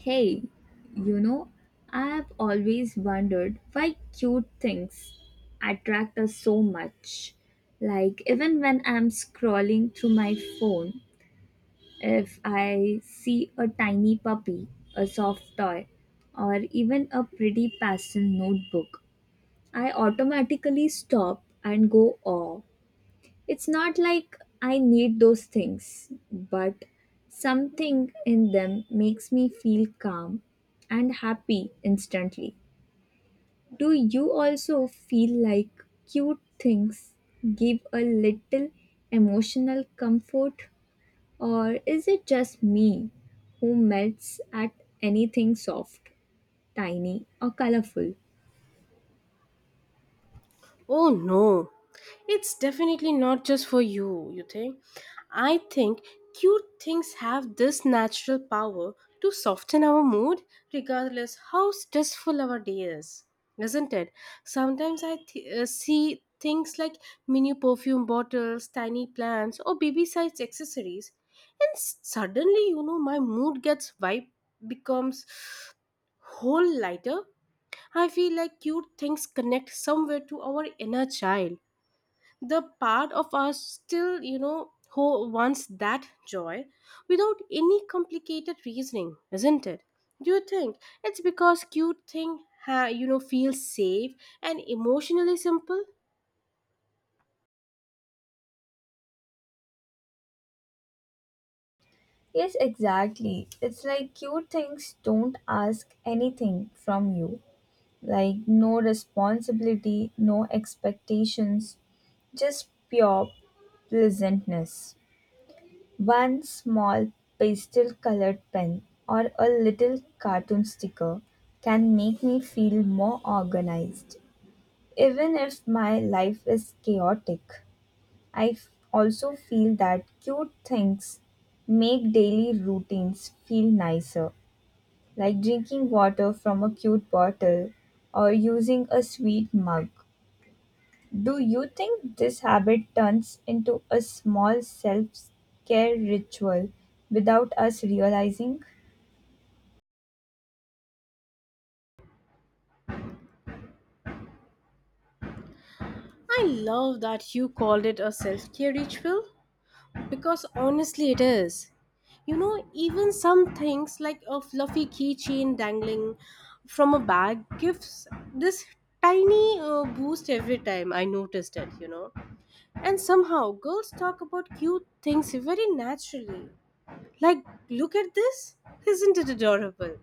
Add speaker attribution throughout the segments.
Speaker 1: Hey, you know, I've always wondered why cute things attract us so much. Like, even when I'm scrolling through my phone, if I see a tiny puppy, a soft toy, or even a pretty pastel notebook, I automatically stop and go, oh, it's not like I need those things, but something in them makes me feel calm and happy instantly. Do you also feel like cute things give a little emotional comfort, or is it just me who melts at anything soft, tiny, or colorful?
Speaker 2: Oh no, it's definitely not just for you, you think? I think cute things have this natural power to soften our mood regardless how stressful our day is, isn't it? Sometimes I see things like mini perfume bottles, tiny plants, or baby sized accessories, and suddenly, my mood gets vibe becomes whole lighter. I feel like cute things connect somewhere to our inner child. The part of us still, who wants that joy without any complicated reasoning, isn't it? Do you think it's because cute thing, feels safe and emotionally simple?
Speaker 1: Yes, exactly. It's like cute things don't ask anything from you. Like, no responsibility, no expectations, just pure pleasantness. One small pastel colored pen or a little cartoon sticker can make me feel more organized. Even if my life is chaotic, also feel that cute things make daily routines feel nicer, like drinking water from a cute bottle or using a sweet mug. Do you think this habit turns into a small self care ritual without us realizing?
Speaker 2: I love that you called it a self-care ritual. Because honestly, it is. You know, even some things like a fluffy keychain dangling from a bag gives this tiny boost every time I noticed it. And somehow, girls talk about cute things very naturally. Like, look at this! Isn't it adorable?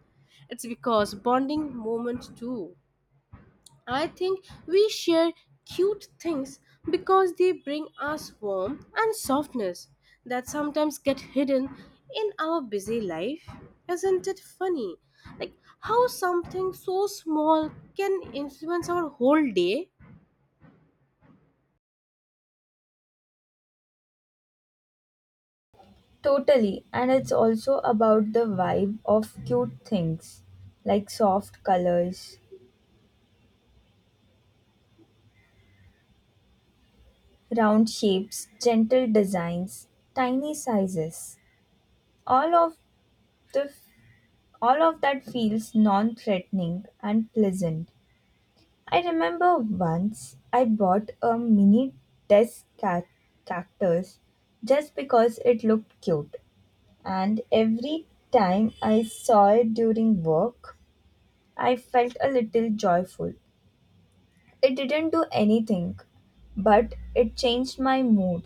Speaker 2: It's because bonding moment too. I think we share cute things because they bring us warmth and softness that sometimes get hidden in our busy life. Isn't it funny? Like how something so small can influence our whole day?
Speaker 1: Totally, and it's also about the vibe of cute things like soft colors, round shapes, gentle designs, tiny sizes. All of the all of that feels non-threatening and pleasant. I remember once I bought a mini desk cac- cactus just because it looked cute, and every time I saw it during work, I felt a little joyful. It didn't do anything, but it changed my mood.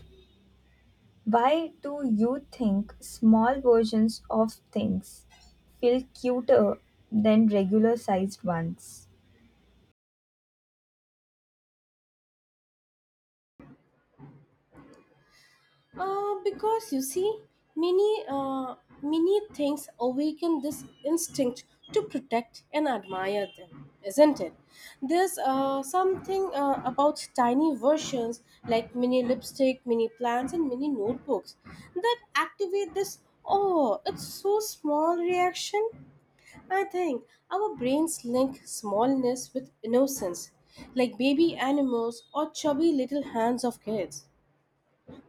Speaker 1: Why do you think small versions of things feel cuter than regular sized ones?
Speaker 2: Because you see, many uh, many things awaken this instinct to protect and admire them, isn't it? There's something about tiny versions like mini lipstick, mini plants, and mini notebooks that activate this. Oh, it's so small reaction. I think our brains link smallness with innocence, like baby animals or chubby little hands of kids.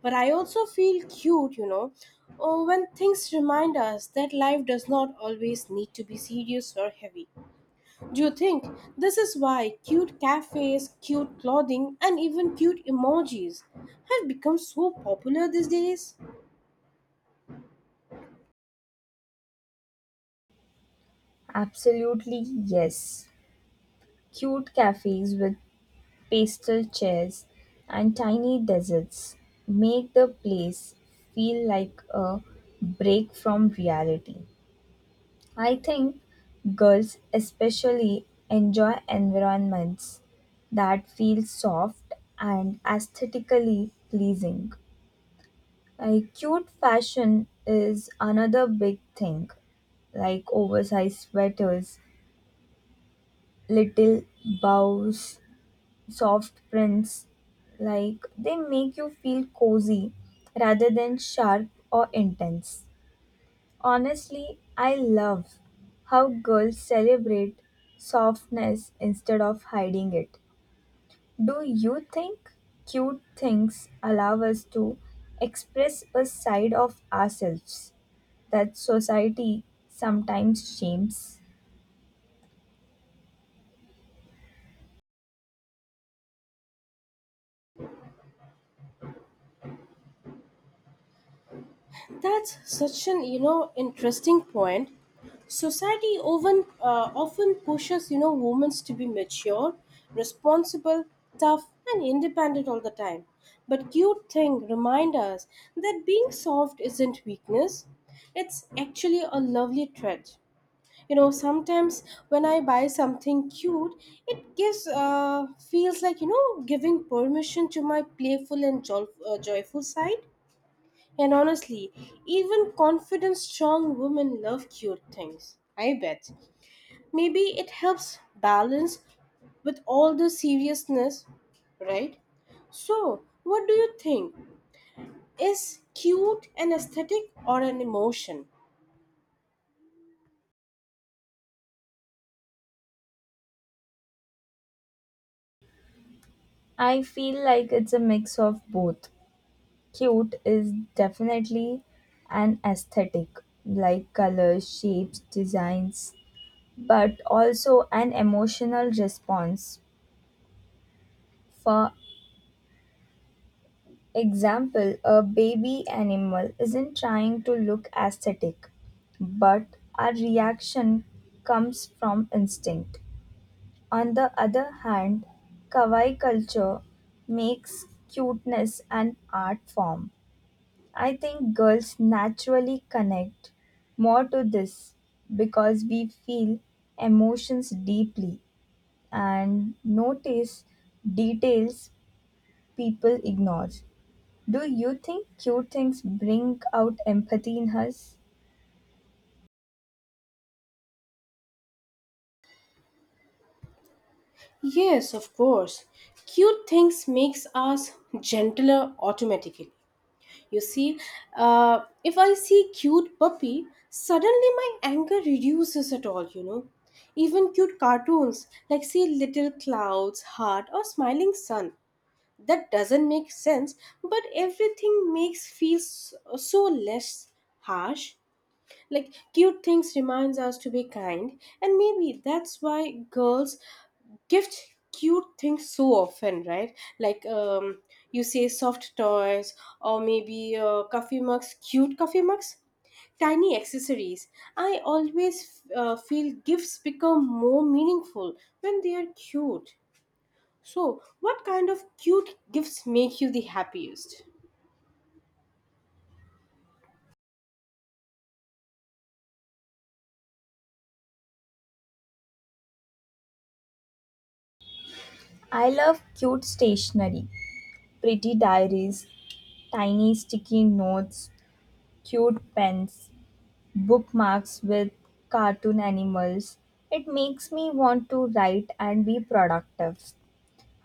Speaker 2: But I also feel cute, oh, when things remind us that life does not always need to be serious or heavy. Do you think this is why cute cafes, cute clothing, and even cute emojis have become so popular these days?
Speaker 1: Absolutely, yes. Cute cafes with pastel chairs, and tiny deserts make the place feel like a break from reality. I think girls especially enjoy environments that feel soft and aesthetically pleasing. Like cute fashion is another big thing, like oversized sweaters, little bows, soft prints, like they make you feel cozy rather than sharp or intense. Honestly, I love how girls celebrate softness instead of hiding it. Do you think cute things allow us to express a side of ourselves that society sometimes shames?
Speaker 2: That's such an interesting point. Society often pushes women to be mature, responsible, tough, and independent all the time. But cute thing remind us that being soft isn't weakness; it's actually a lovely trait. You know, sometimes when I buy something cute, it gives feels like giving permission to my playful and joyful side. And honestly, even confident, strong women love cute things. I bet. Maybe it helps balance with all the seriousness, right? So, what do you think? Is cute an aesthetic or an emotion?
Speaker 1: I feel like it's a mix of both. Cute is definitely an aesthetic, like colors, shapes, designs, but also an emotional response. For example, a baby animal isn't trying to look aesthetic, but our reaction comes from instinct. On the other hand, kawaii culture makes cuteness an art form. I think girls naturally connect more to this because we feel emotions deeply and notice details people ignore. Do you think cute things bring out empathy in us?
Speaker 2: Yes, of course. Cute things makes us gentler automatically. You see, if I see cute puppy, suddenly my anger reduces at all. Even cute cartoons like see little clouds, heart or smiling sun. That doesn't make sense, but everything makes feels so less harsh, like cute things reminds us to be kind. And maybe that's why girls gift cute things so often, right? Like you say soft toys, or maybe coffee mugs, cute coffee mugs, tiny accessories. I always feel gifts become more meaningful when they are cute. So what kind of cute gifts make you the happiest?
Speaker 1: I love cute stationery, pretty diaries, tiny sticky notes, cute pens, bookmarks with cartoon animals. It makes me want to write and be productive.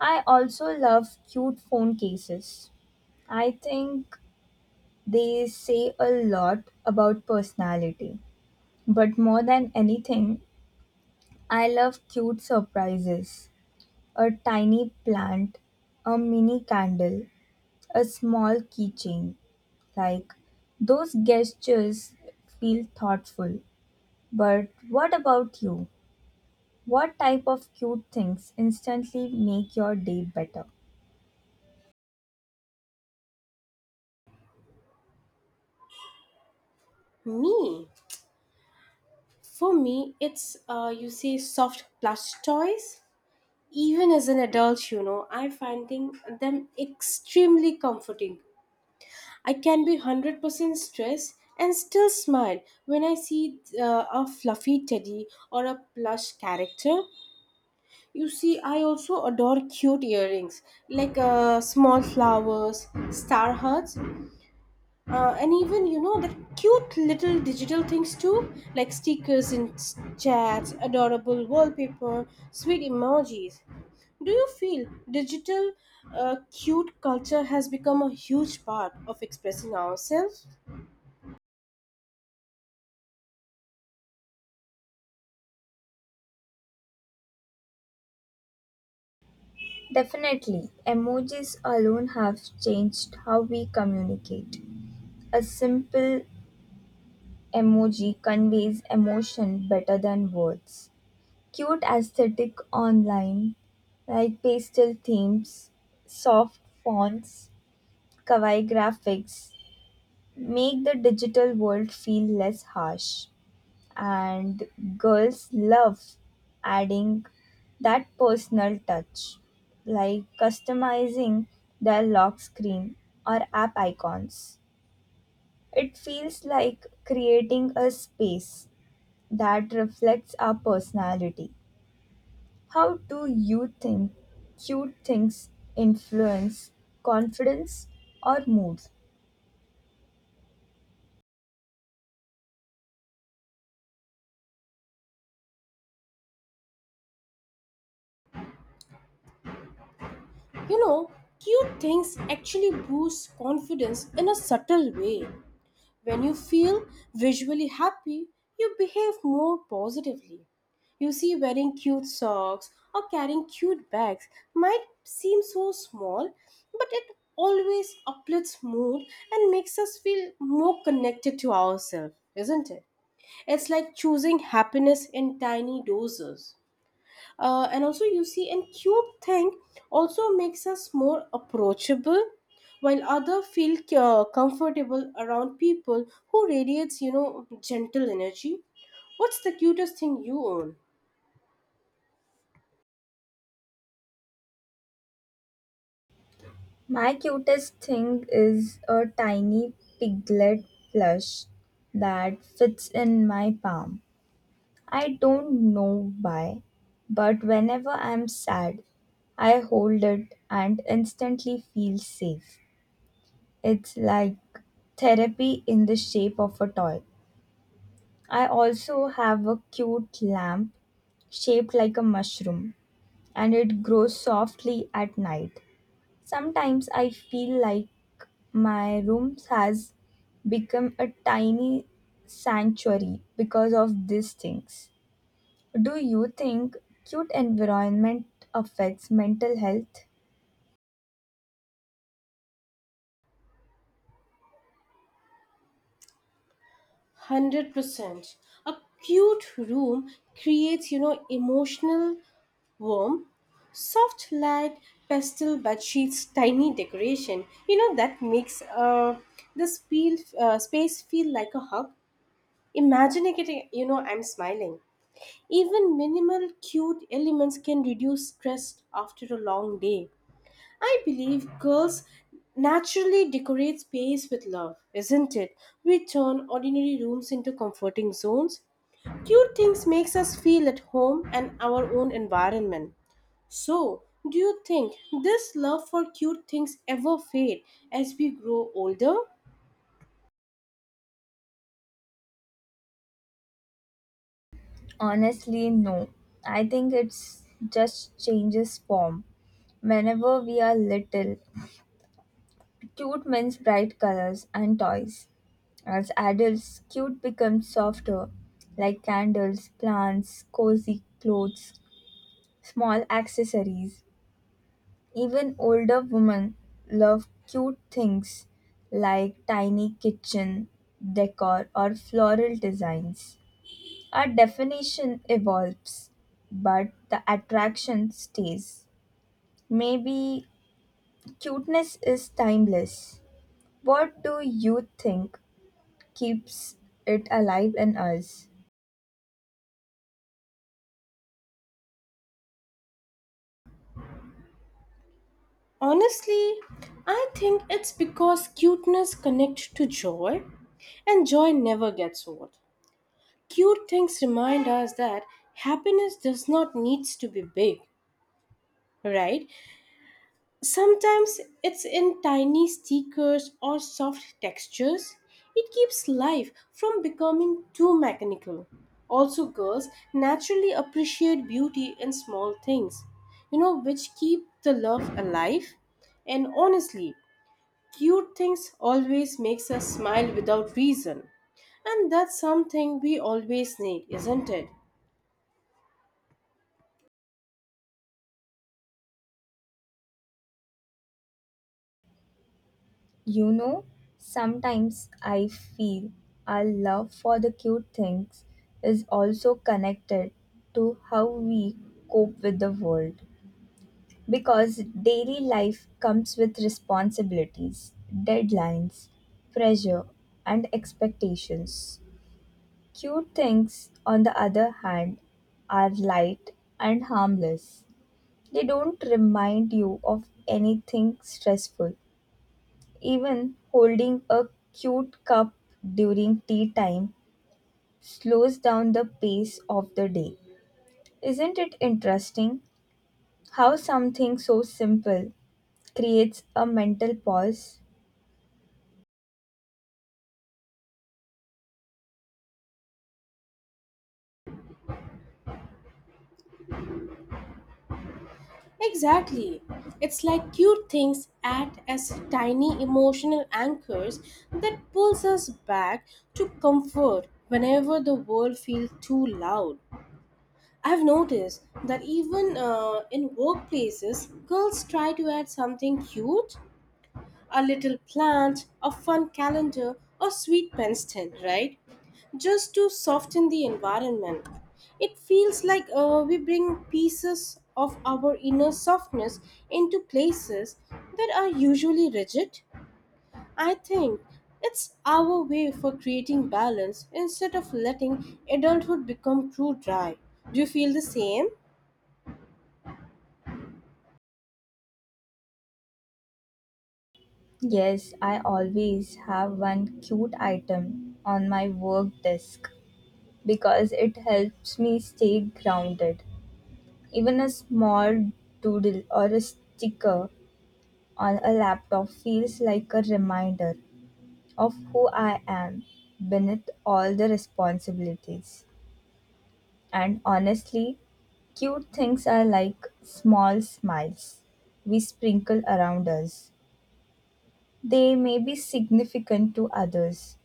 Speaker 1: I also love cute phone cases. I think they say a lot about personality. But more than anything, I love cute surprises. A tiny plant, a mini candle, a small keychain. Like those gestures feel thoughtful. But what about you? What type of cute things instantly make your day better?
Speaker 2: Me For me it's you say soft plush toys. Even as an adult, I'm finding them extremely comforting. I can be 100% stressed and still smile when I see a fluffy teddy or a plush character. You see, I also adore cute earrings, like small flowers, star hearts, and even the cute little digital things too, like stickers in chats, adorable wallpaper, sweet emojis. Do you feel digital cute culture has become a huge part of expressing ourselves?
Speaker 1: Definitely, emojis alone have changed how we communicate. A simple emoji conveys emotion better than words. Cute aesthetic online, like pastel themes, soft fonts, kawaii graphics, make the digital world feel less harsh, and girls love adding that personal touch, like customizing their lock screen or app icons. It feels like creating a space that reflects our personality. How do you think cute things influence confidence or mood?
Speaker 2: You know, cute things actually boost confidence in a subtle way. When you feel visually happy, you behave more positively. You see, wearing cute socks or carrying cute bags might seem so small, but it always uplifts mood and makes us feel more connected to ourselves, isn't it? It's like choosing happiness in tiny doses. And also, you see, and cute thing also makes us more approachable, while other feel comfortable around people who radiates, gentle energy. What's the cutest thing you own?
Speaker 1: My cutest thing is a tiny piglet plush that fits in my palm. I don't know why, but whenever I'm sad, I hold it and instantly feel safe. It's like therapy in the shape of a toy. I also have a cute lamp shaped like a mushroom and it grows softly at night. Sometimes I feel like my room has become a tiny sanctuary because of these things. Do you think cute environment affects mental health?
Speaker 2: 100%. A cute room creates, emotional warmth. Soft light, pastel bed sheets, tiny decoration. You know, that makes this space feel like a hug. Imagine it, I'm smiling. Even minimal cute elements can reduce stress after a long day. I believe girls naturally decorate space with love, isn't it? We turn ordinary rooms into comforting zones. Cute things makes us feel at home and our own environment. So, do you think this love for cute things ever fade as we grow older?
Speaker 1: Honestly, no. I think it's just changes form. Whenever we are little, cute means bright colors and toys. As adults, cute becomes softer, like candles, plants, cozy clothes, small accessories. Even older women love cute things like tiny kitchen decor or floral designs. Our definition evolves, but the attraction stays. Maybe cuteness is timeless. What do you think keeps it alive in us?
Speaker 2: Honestly, I think it's because cuteness connects to joy and joy never gets old. Cute things remind us that happiness does not needs to be big, right? Sometimes it's in tiny stickers or soft textures. It keeps life from becoming too mechanical. Also, girls naturally appreciate beauty in small things, which keep the love alive. And honestly, cute things always makes us smile without reason. And that's something we always need, isn't it?
Speaker 1: You know, sometimes I feel our love for the cute things is also connected to how we cope with the world. Because daily life comes with responsibilities, deadlines, pressure, and expectations. Cute things, on the other hand, are light and harmless. They don't remind you of anything stressful. Even holding a cute cup during tea time slows down the pace of the day. Isn't it interesting how something so simple creates a mental pause?
Speaker 2: Exactly. It's like cute things act as tiny emotional anchors that pulls us back to comfort whenever the world feels too loud. I've noticed that even in workplaces, girls try to add something cute, a little plant, a fun calendar, or sweet pen stand, right? Just to soften the environment. It feels like we bring pieces of our inner softness into places that are usually rigid. I think it's our way for creating balance instead of letting adulthood become too dry. Do you feel the same?
Speaker 1: Yes, I always have one cute item on my work desk because it helps me stay grounded. Even a small doodle or a sticker on a laptop feels like a reminder of who I am beneath all the responsibilities. And honestly, cute things are like small smiles we sprinkle around us. They may be significant to others,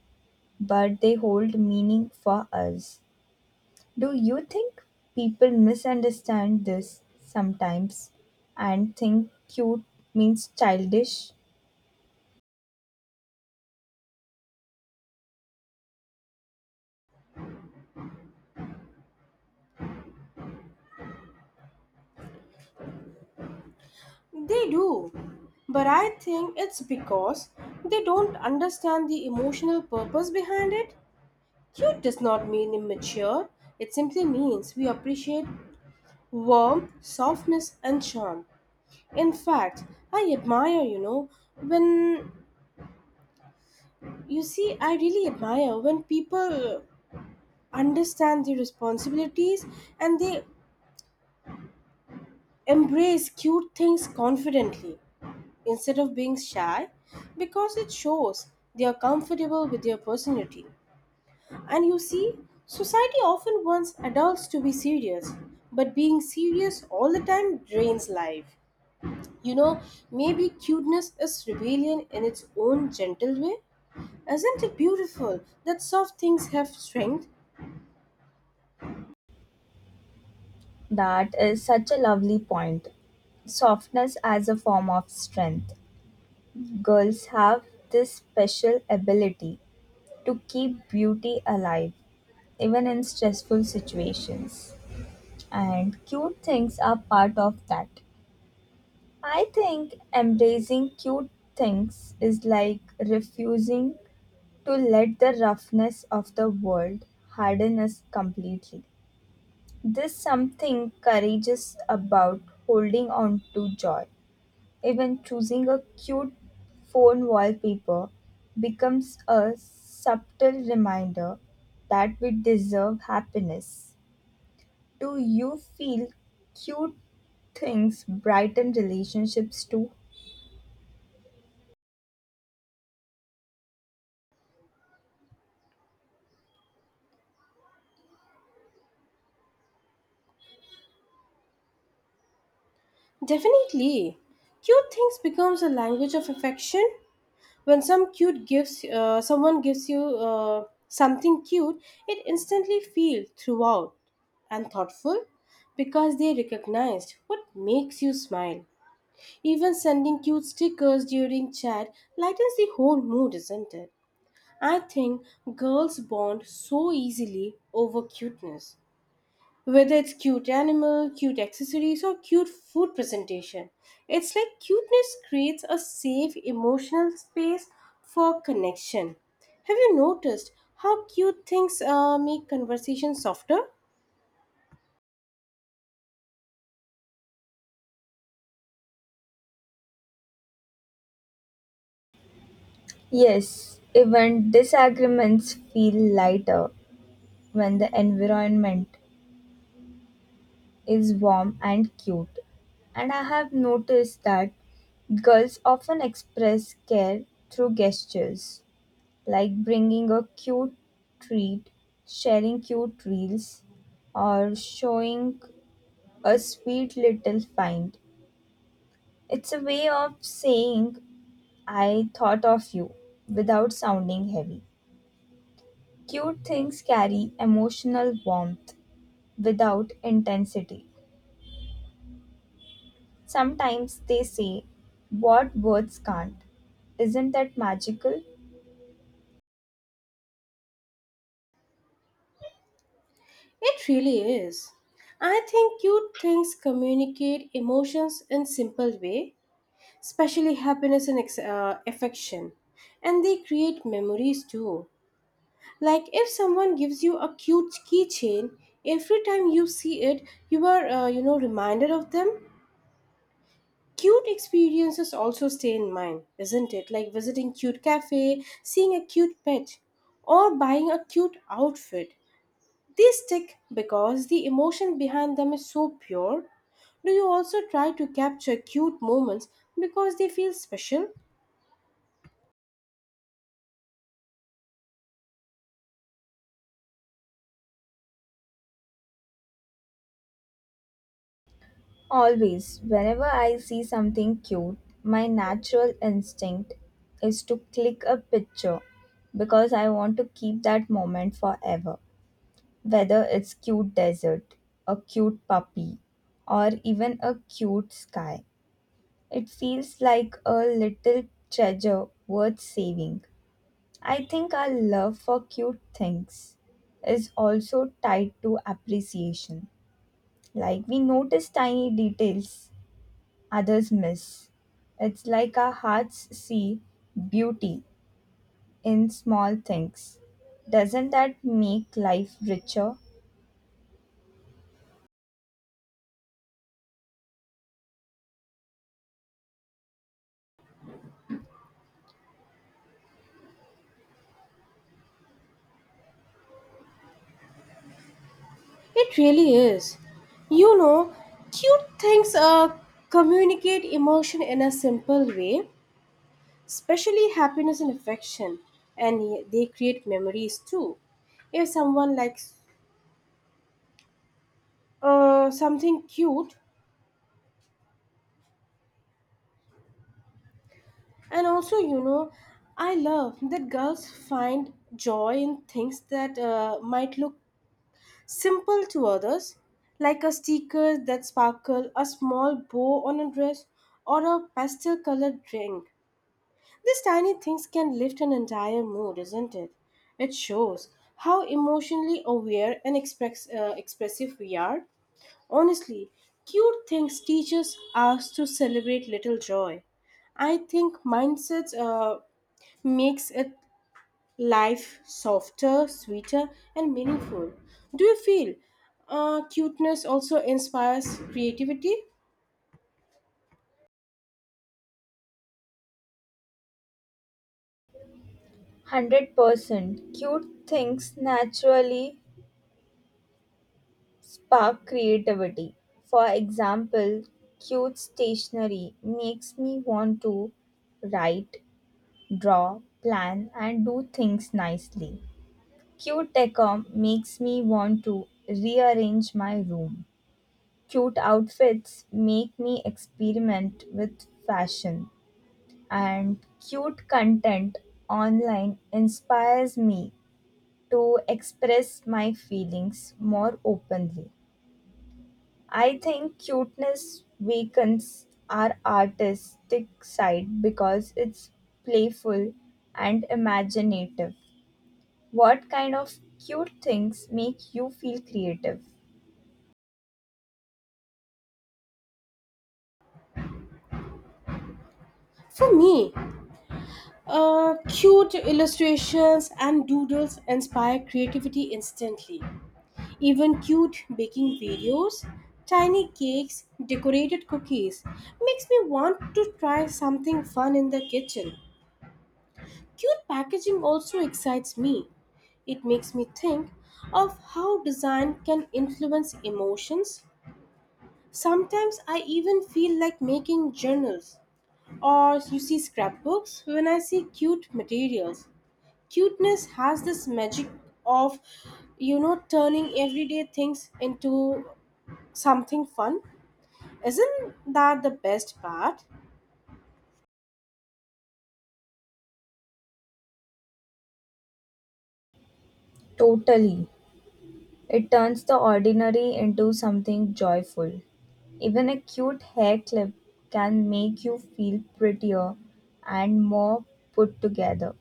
Speaker 1: but they hold meaning for us. Do you think people misunderstand this sometimes and think cute means childish?
Speaker 2: They do. But I think it's because they don't understand the emotional purpose behind it. Cute does not mean immature. It simply means we appreciate warmth, softness, and charm. In fact, I admire, when you see, I really admire when people understand their responsibilities and they embrace cute things confidently instead of being shy, because it shows they are comfortable with their personality. And you see, society often wants adults to be serious, but being serious all the time drains life. You know, maybe cuteness is rebellion in its own gentle way. Isn't it beautiful that soft things have strength?
Speaker 1: That is such a lovely point, softness as a form of strength. Girls have this special ability to keep beauty alive even in stressful situations, and cute things are part of that. I think embracing cute things is like refusing to let the roughness of the world harden us completely. There's something courageous about holding on to joy. Even choosing a cute phone wallpaper becomes a subtle reminder that we deserve happiness. Do you feel cute things brighten relationships too?
Speaker 2: Definitely. Cute things becomes a language of affection. When someone gives you something cute, it instantly feels throughout and thoughtful because they recognized what makes you smile. Even sending cute stickers during chat lightens the whole mood, isn't it? I think girls bond so easily over cuteness. Whether it's cute animal, cute accessories, or cute food presentation, it's like cuteness creates a safe emotional space for connection. Have you noticed how cute things make conversation softer?
Speaker 1: Yes, even disagreements feel lighter when the environment is warm and cute. And I have noticed that girls often express care through gestures like bringing a cute treat, sharing cute reels, or showing a sweet little find. It's a way of saying, I thought of you, without sounding heavy. Cute things carry emotional warmth without intensity. Sometimes they say what words can't. Isn't that magical?
Speaker 2: It really is. I think cute things communicate emotions in simple way, especially happiness and affection, and they create memories too. Like if someone gives you a cute keychain, every time you see it, you are, reminded of them. Cute experiences also stay in mind, isn't it? Like visiting cute cafe, seeing a cute pet, or buying a cute outfit. They stick because the emotion behind them is so pure. Do you also try to capture cute moments because they feel special?
Speaker 1: Always, whenever I see something cute, my natural instinct is to click a picture because I want to keep that moment forever. Whether it's cute desert, a cute puppy, or even a cute sky, it feels like a little treasure worth saving. I think our love for cute things is also tied to appreciation. Like we notice tiny details others miss. It's like our hearts see beauty in small things. Doesn't that make life richer?
Speaker 2: It really is. You know, cute things communicate emotion in a simple way, especially happiness and affection, and they create memories too. If someone likes something cute, and also, you know, I love that girls find joy in things that might look simple to others, like a sticker that sparkle, a small bow on a dress, or a pastel colored ring. These tiny things can lift an entire mood, isn't it? It shows how emotionally aware and expressive we are. Honestly, cute things teaches us to celebrate little joy. I think mindsets makes it life softer, sweeter, and meaningful. Do you feel cuteness also inspires creativity?
Speaker 1: 100% cute things naturally spark creativity. For example, cute stationery makes me want to write, draw, plan, and do things nicely. Cute decor makes me want to rearrange my room. Cute outfits make me experiment with fashion, and cute content online inspires me to express my feelings more openly. I think cuteness weakens our artistic side because it's playful and imaginative. What kind of cute things make you feel creative?
Speaker 2: For me, cute illustrations and doodles inspire creativity instantly. Even cute baking videos, tiny cakes, decorated cookies makes me want to try something fun in the kitchen. Cute packaging also excites me. It makes me think of how design can influence emotions. Sometimes I even feel like making journals or you see scrapbooks when I see cute materials. Cuteness has this magic of, turning everyday things into something fun. Isn't that the best part?
Speaker 1: Totally. It turns the ordinary into something joyful. Even a cute hair clip can make you feel prettier and more put together.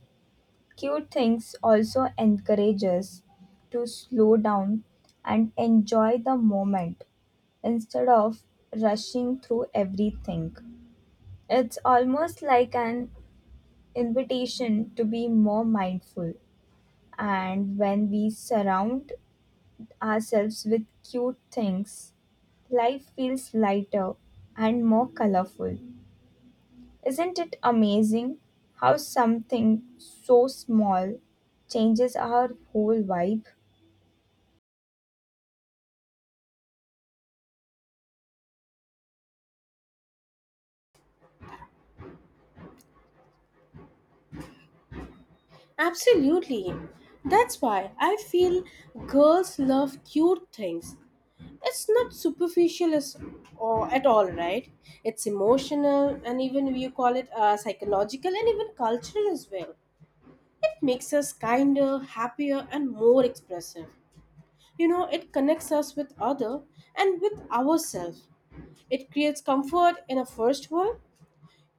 Speaker 1: Cute things also encourage us to slow down and enjoy the moment instead of rushing through everything. It's almost like an invitation to be more mindful. And when we surround ourselves with cute things, life feels lighter and more colorful. Isn't it amazing how something so small changes our whole vibe?
Speaker 2: Absolutely. That's why I feel girls love cute things. It's not superficial as, or at all, right? It's emotional, and even you call it psychological and even cultural as well. It makes us kinder, happier, and more expressive. You know, it connects us with other and with ourselves. It creates comfort in a first world.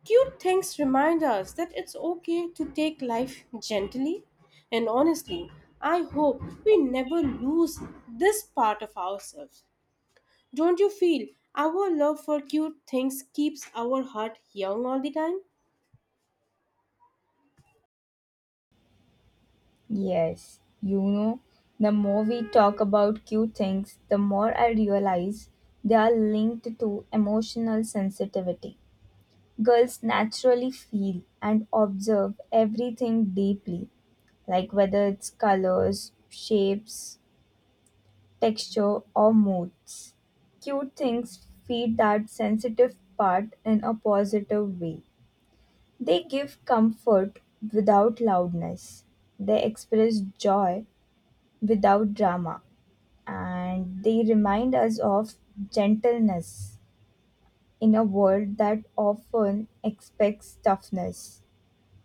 Speaker 2: Cute things remind us that it's okay to take life gently. And honestly, I hope we never lose this part of ourselves. Don't you feel our love for cute things keeps our heart young all the time?
Speaker 1: Yes, you know, the more we talk about cute things, the more I realize they are linked to emotional sensitivity. Girls naturally feel and observe everything deeply, like whether it's colors, shapes, texture, or moods. Cute things feed that sensitive part in a positive way. They give comfort without loudness. They express joy without drama. And they remind us of gentleness in a world that often expects toughness.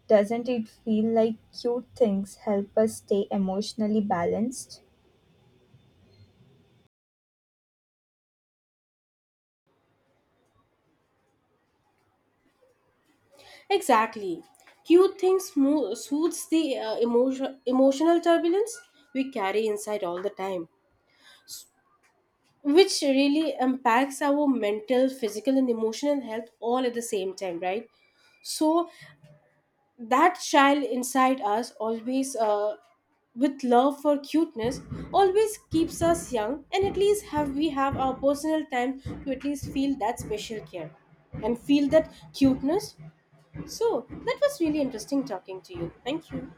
Speaker 1: Doesn't it feel like cute things help us stay emotionally balanced?
Speaker 2: Exactly. Soothes the emotional turbulence we carry inside all the time, which really impacts our mental, physical and emotional health all at the same time, right? So that child inside us always, with love for cuteness, always keeps us young, and at least have we have our personal time to at least feel that special care and feel that cuteness. So that was really interesting talking to you. Thank you.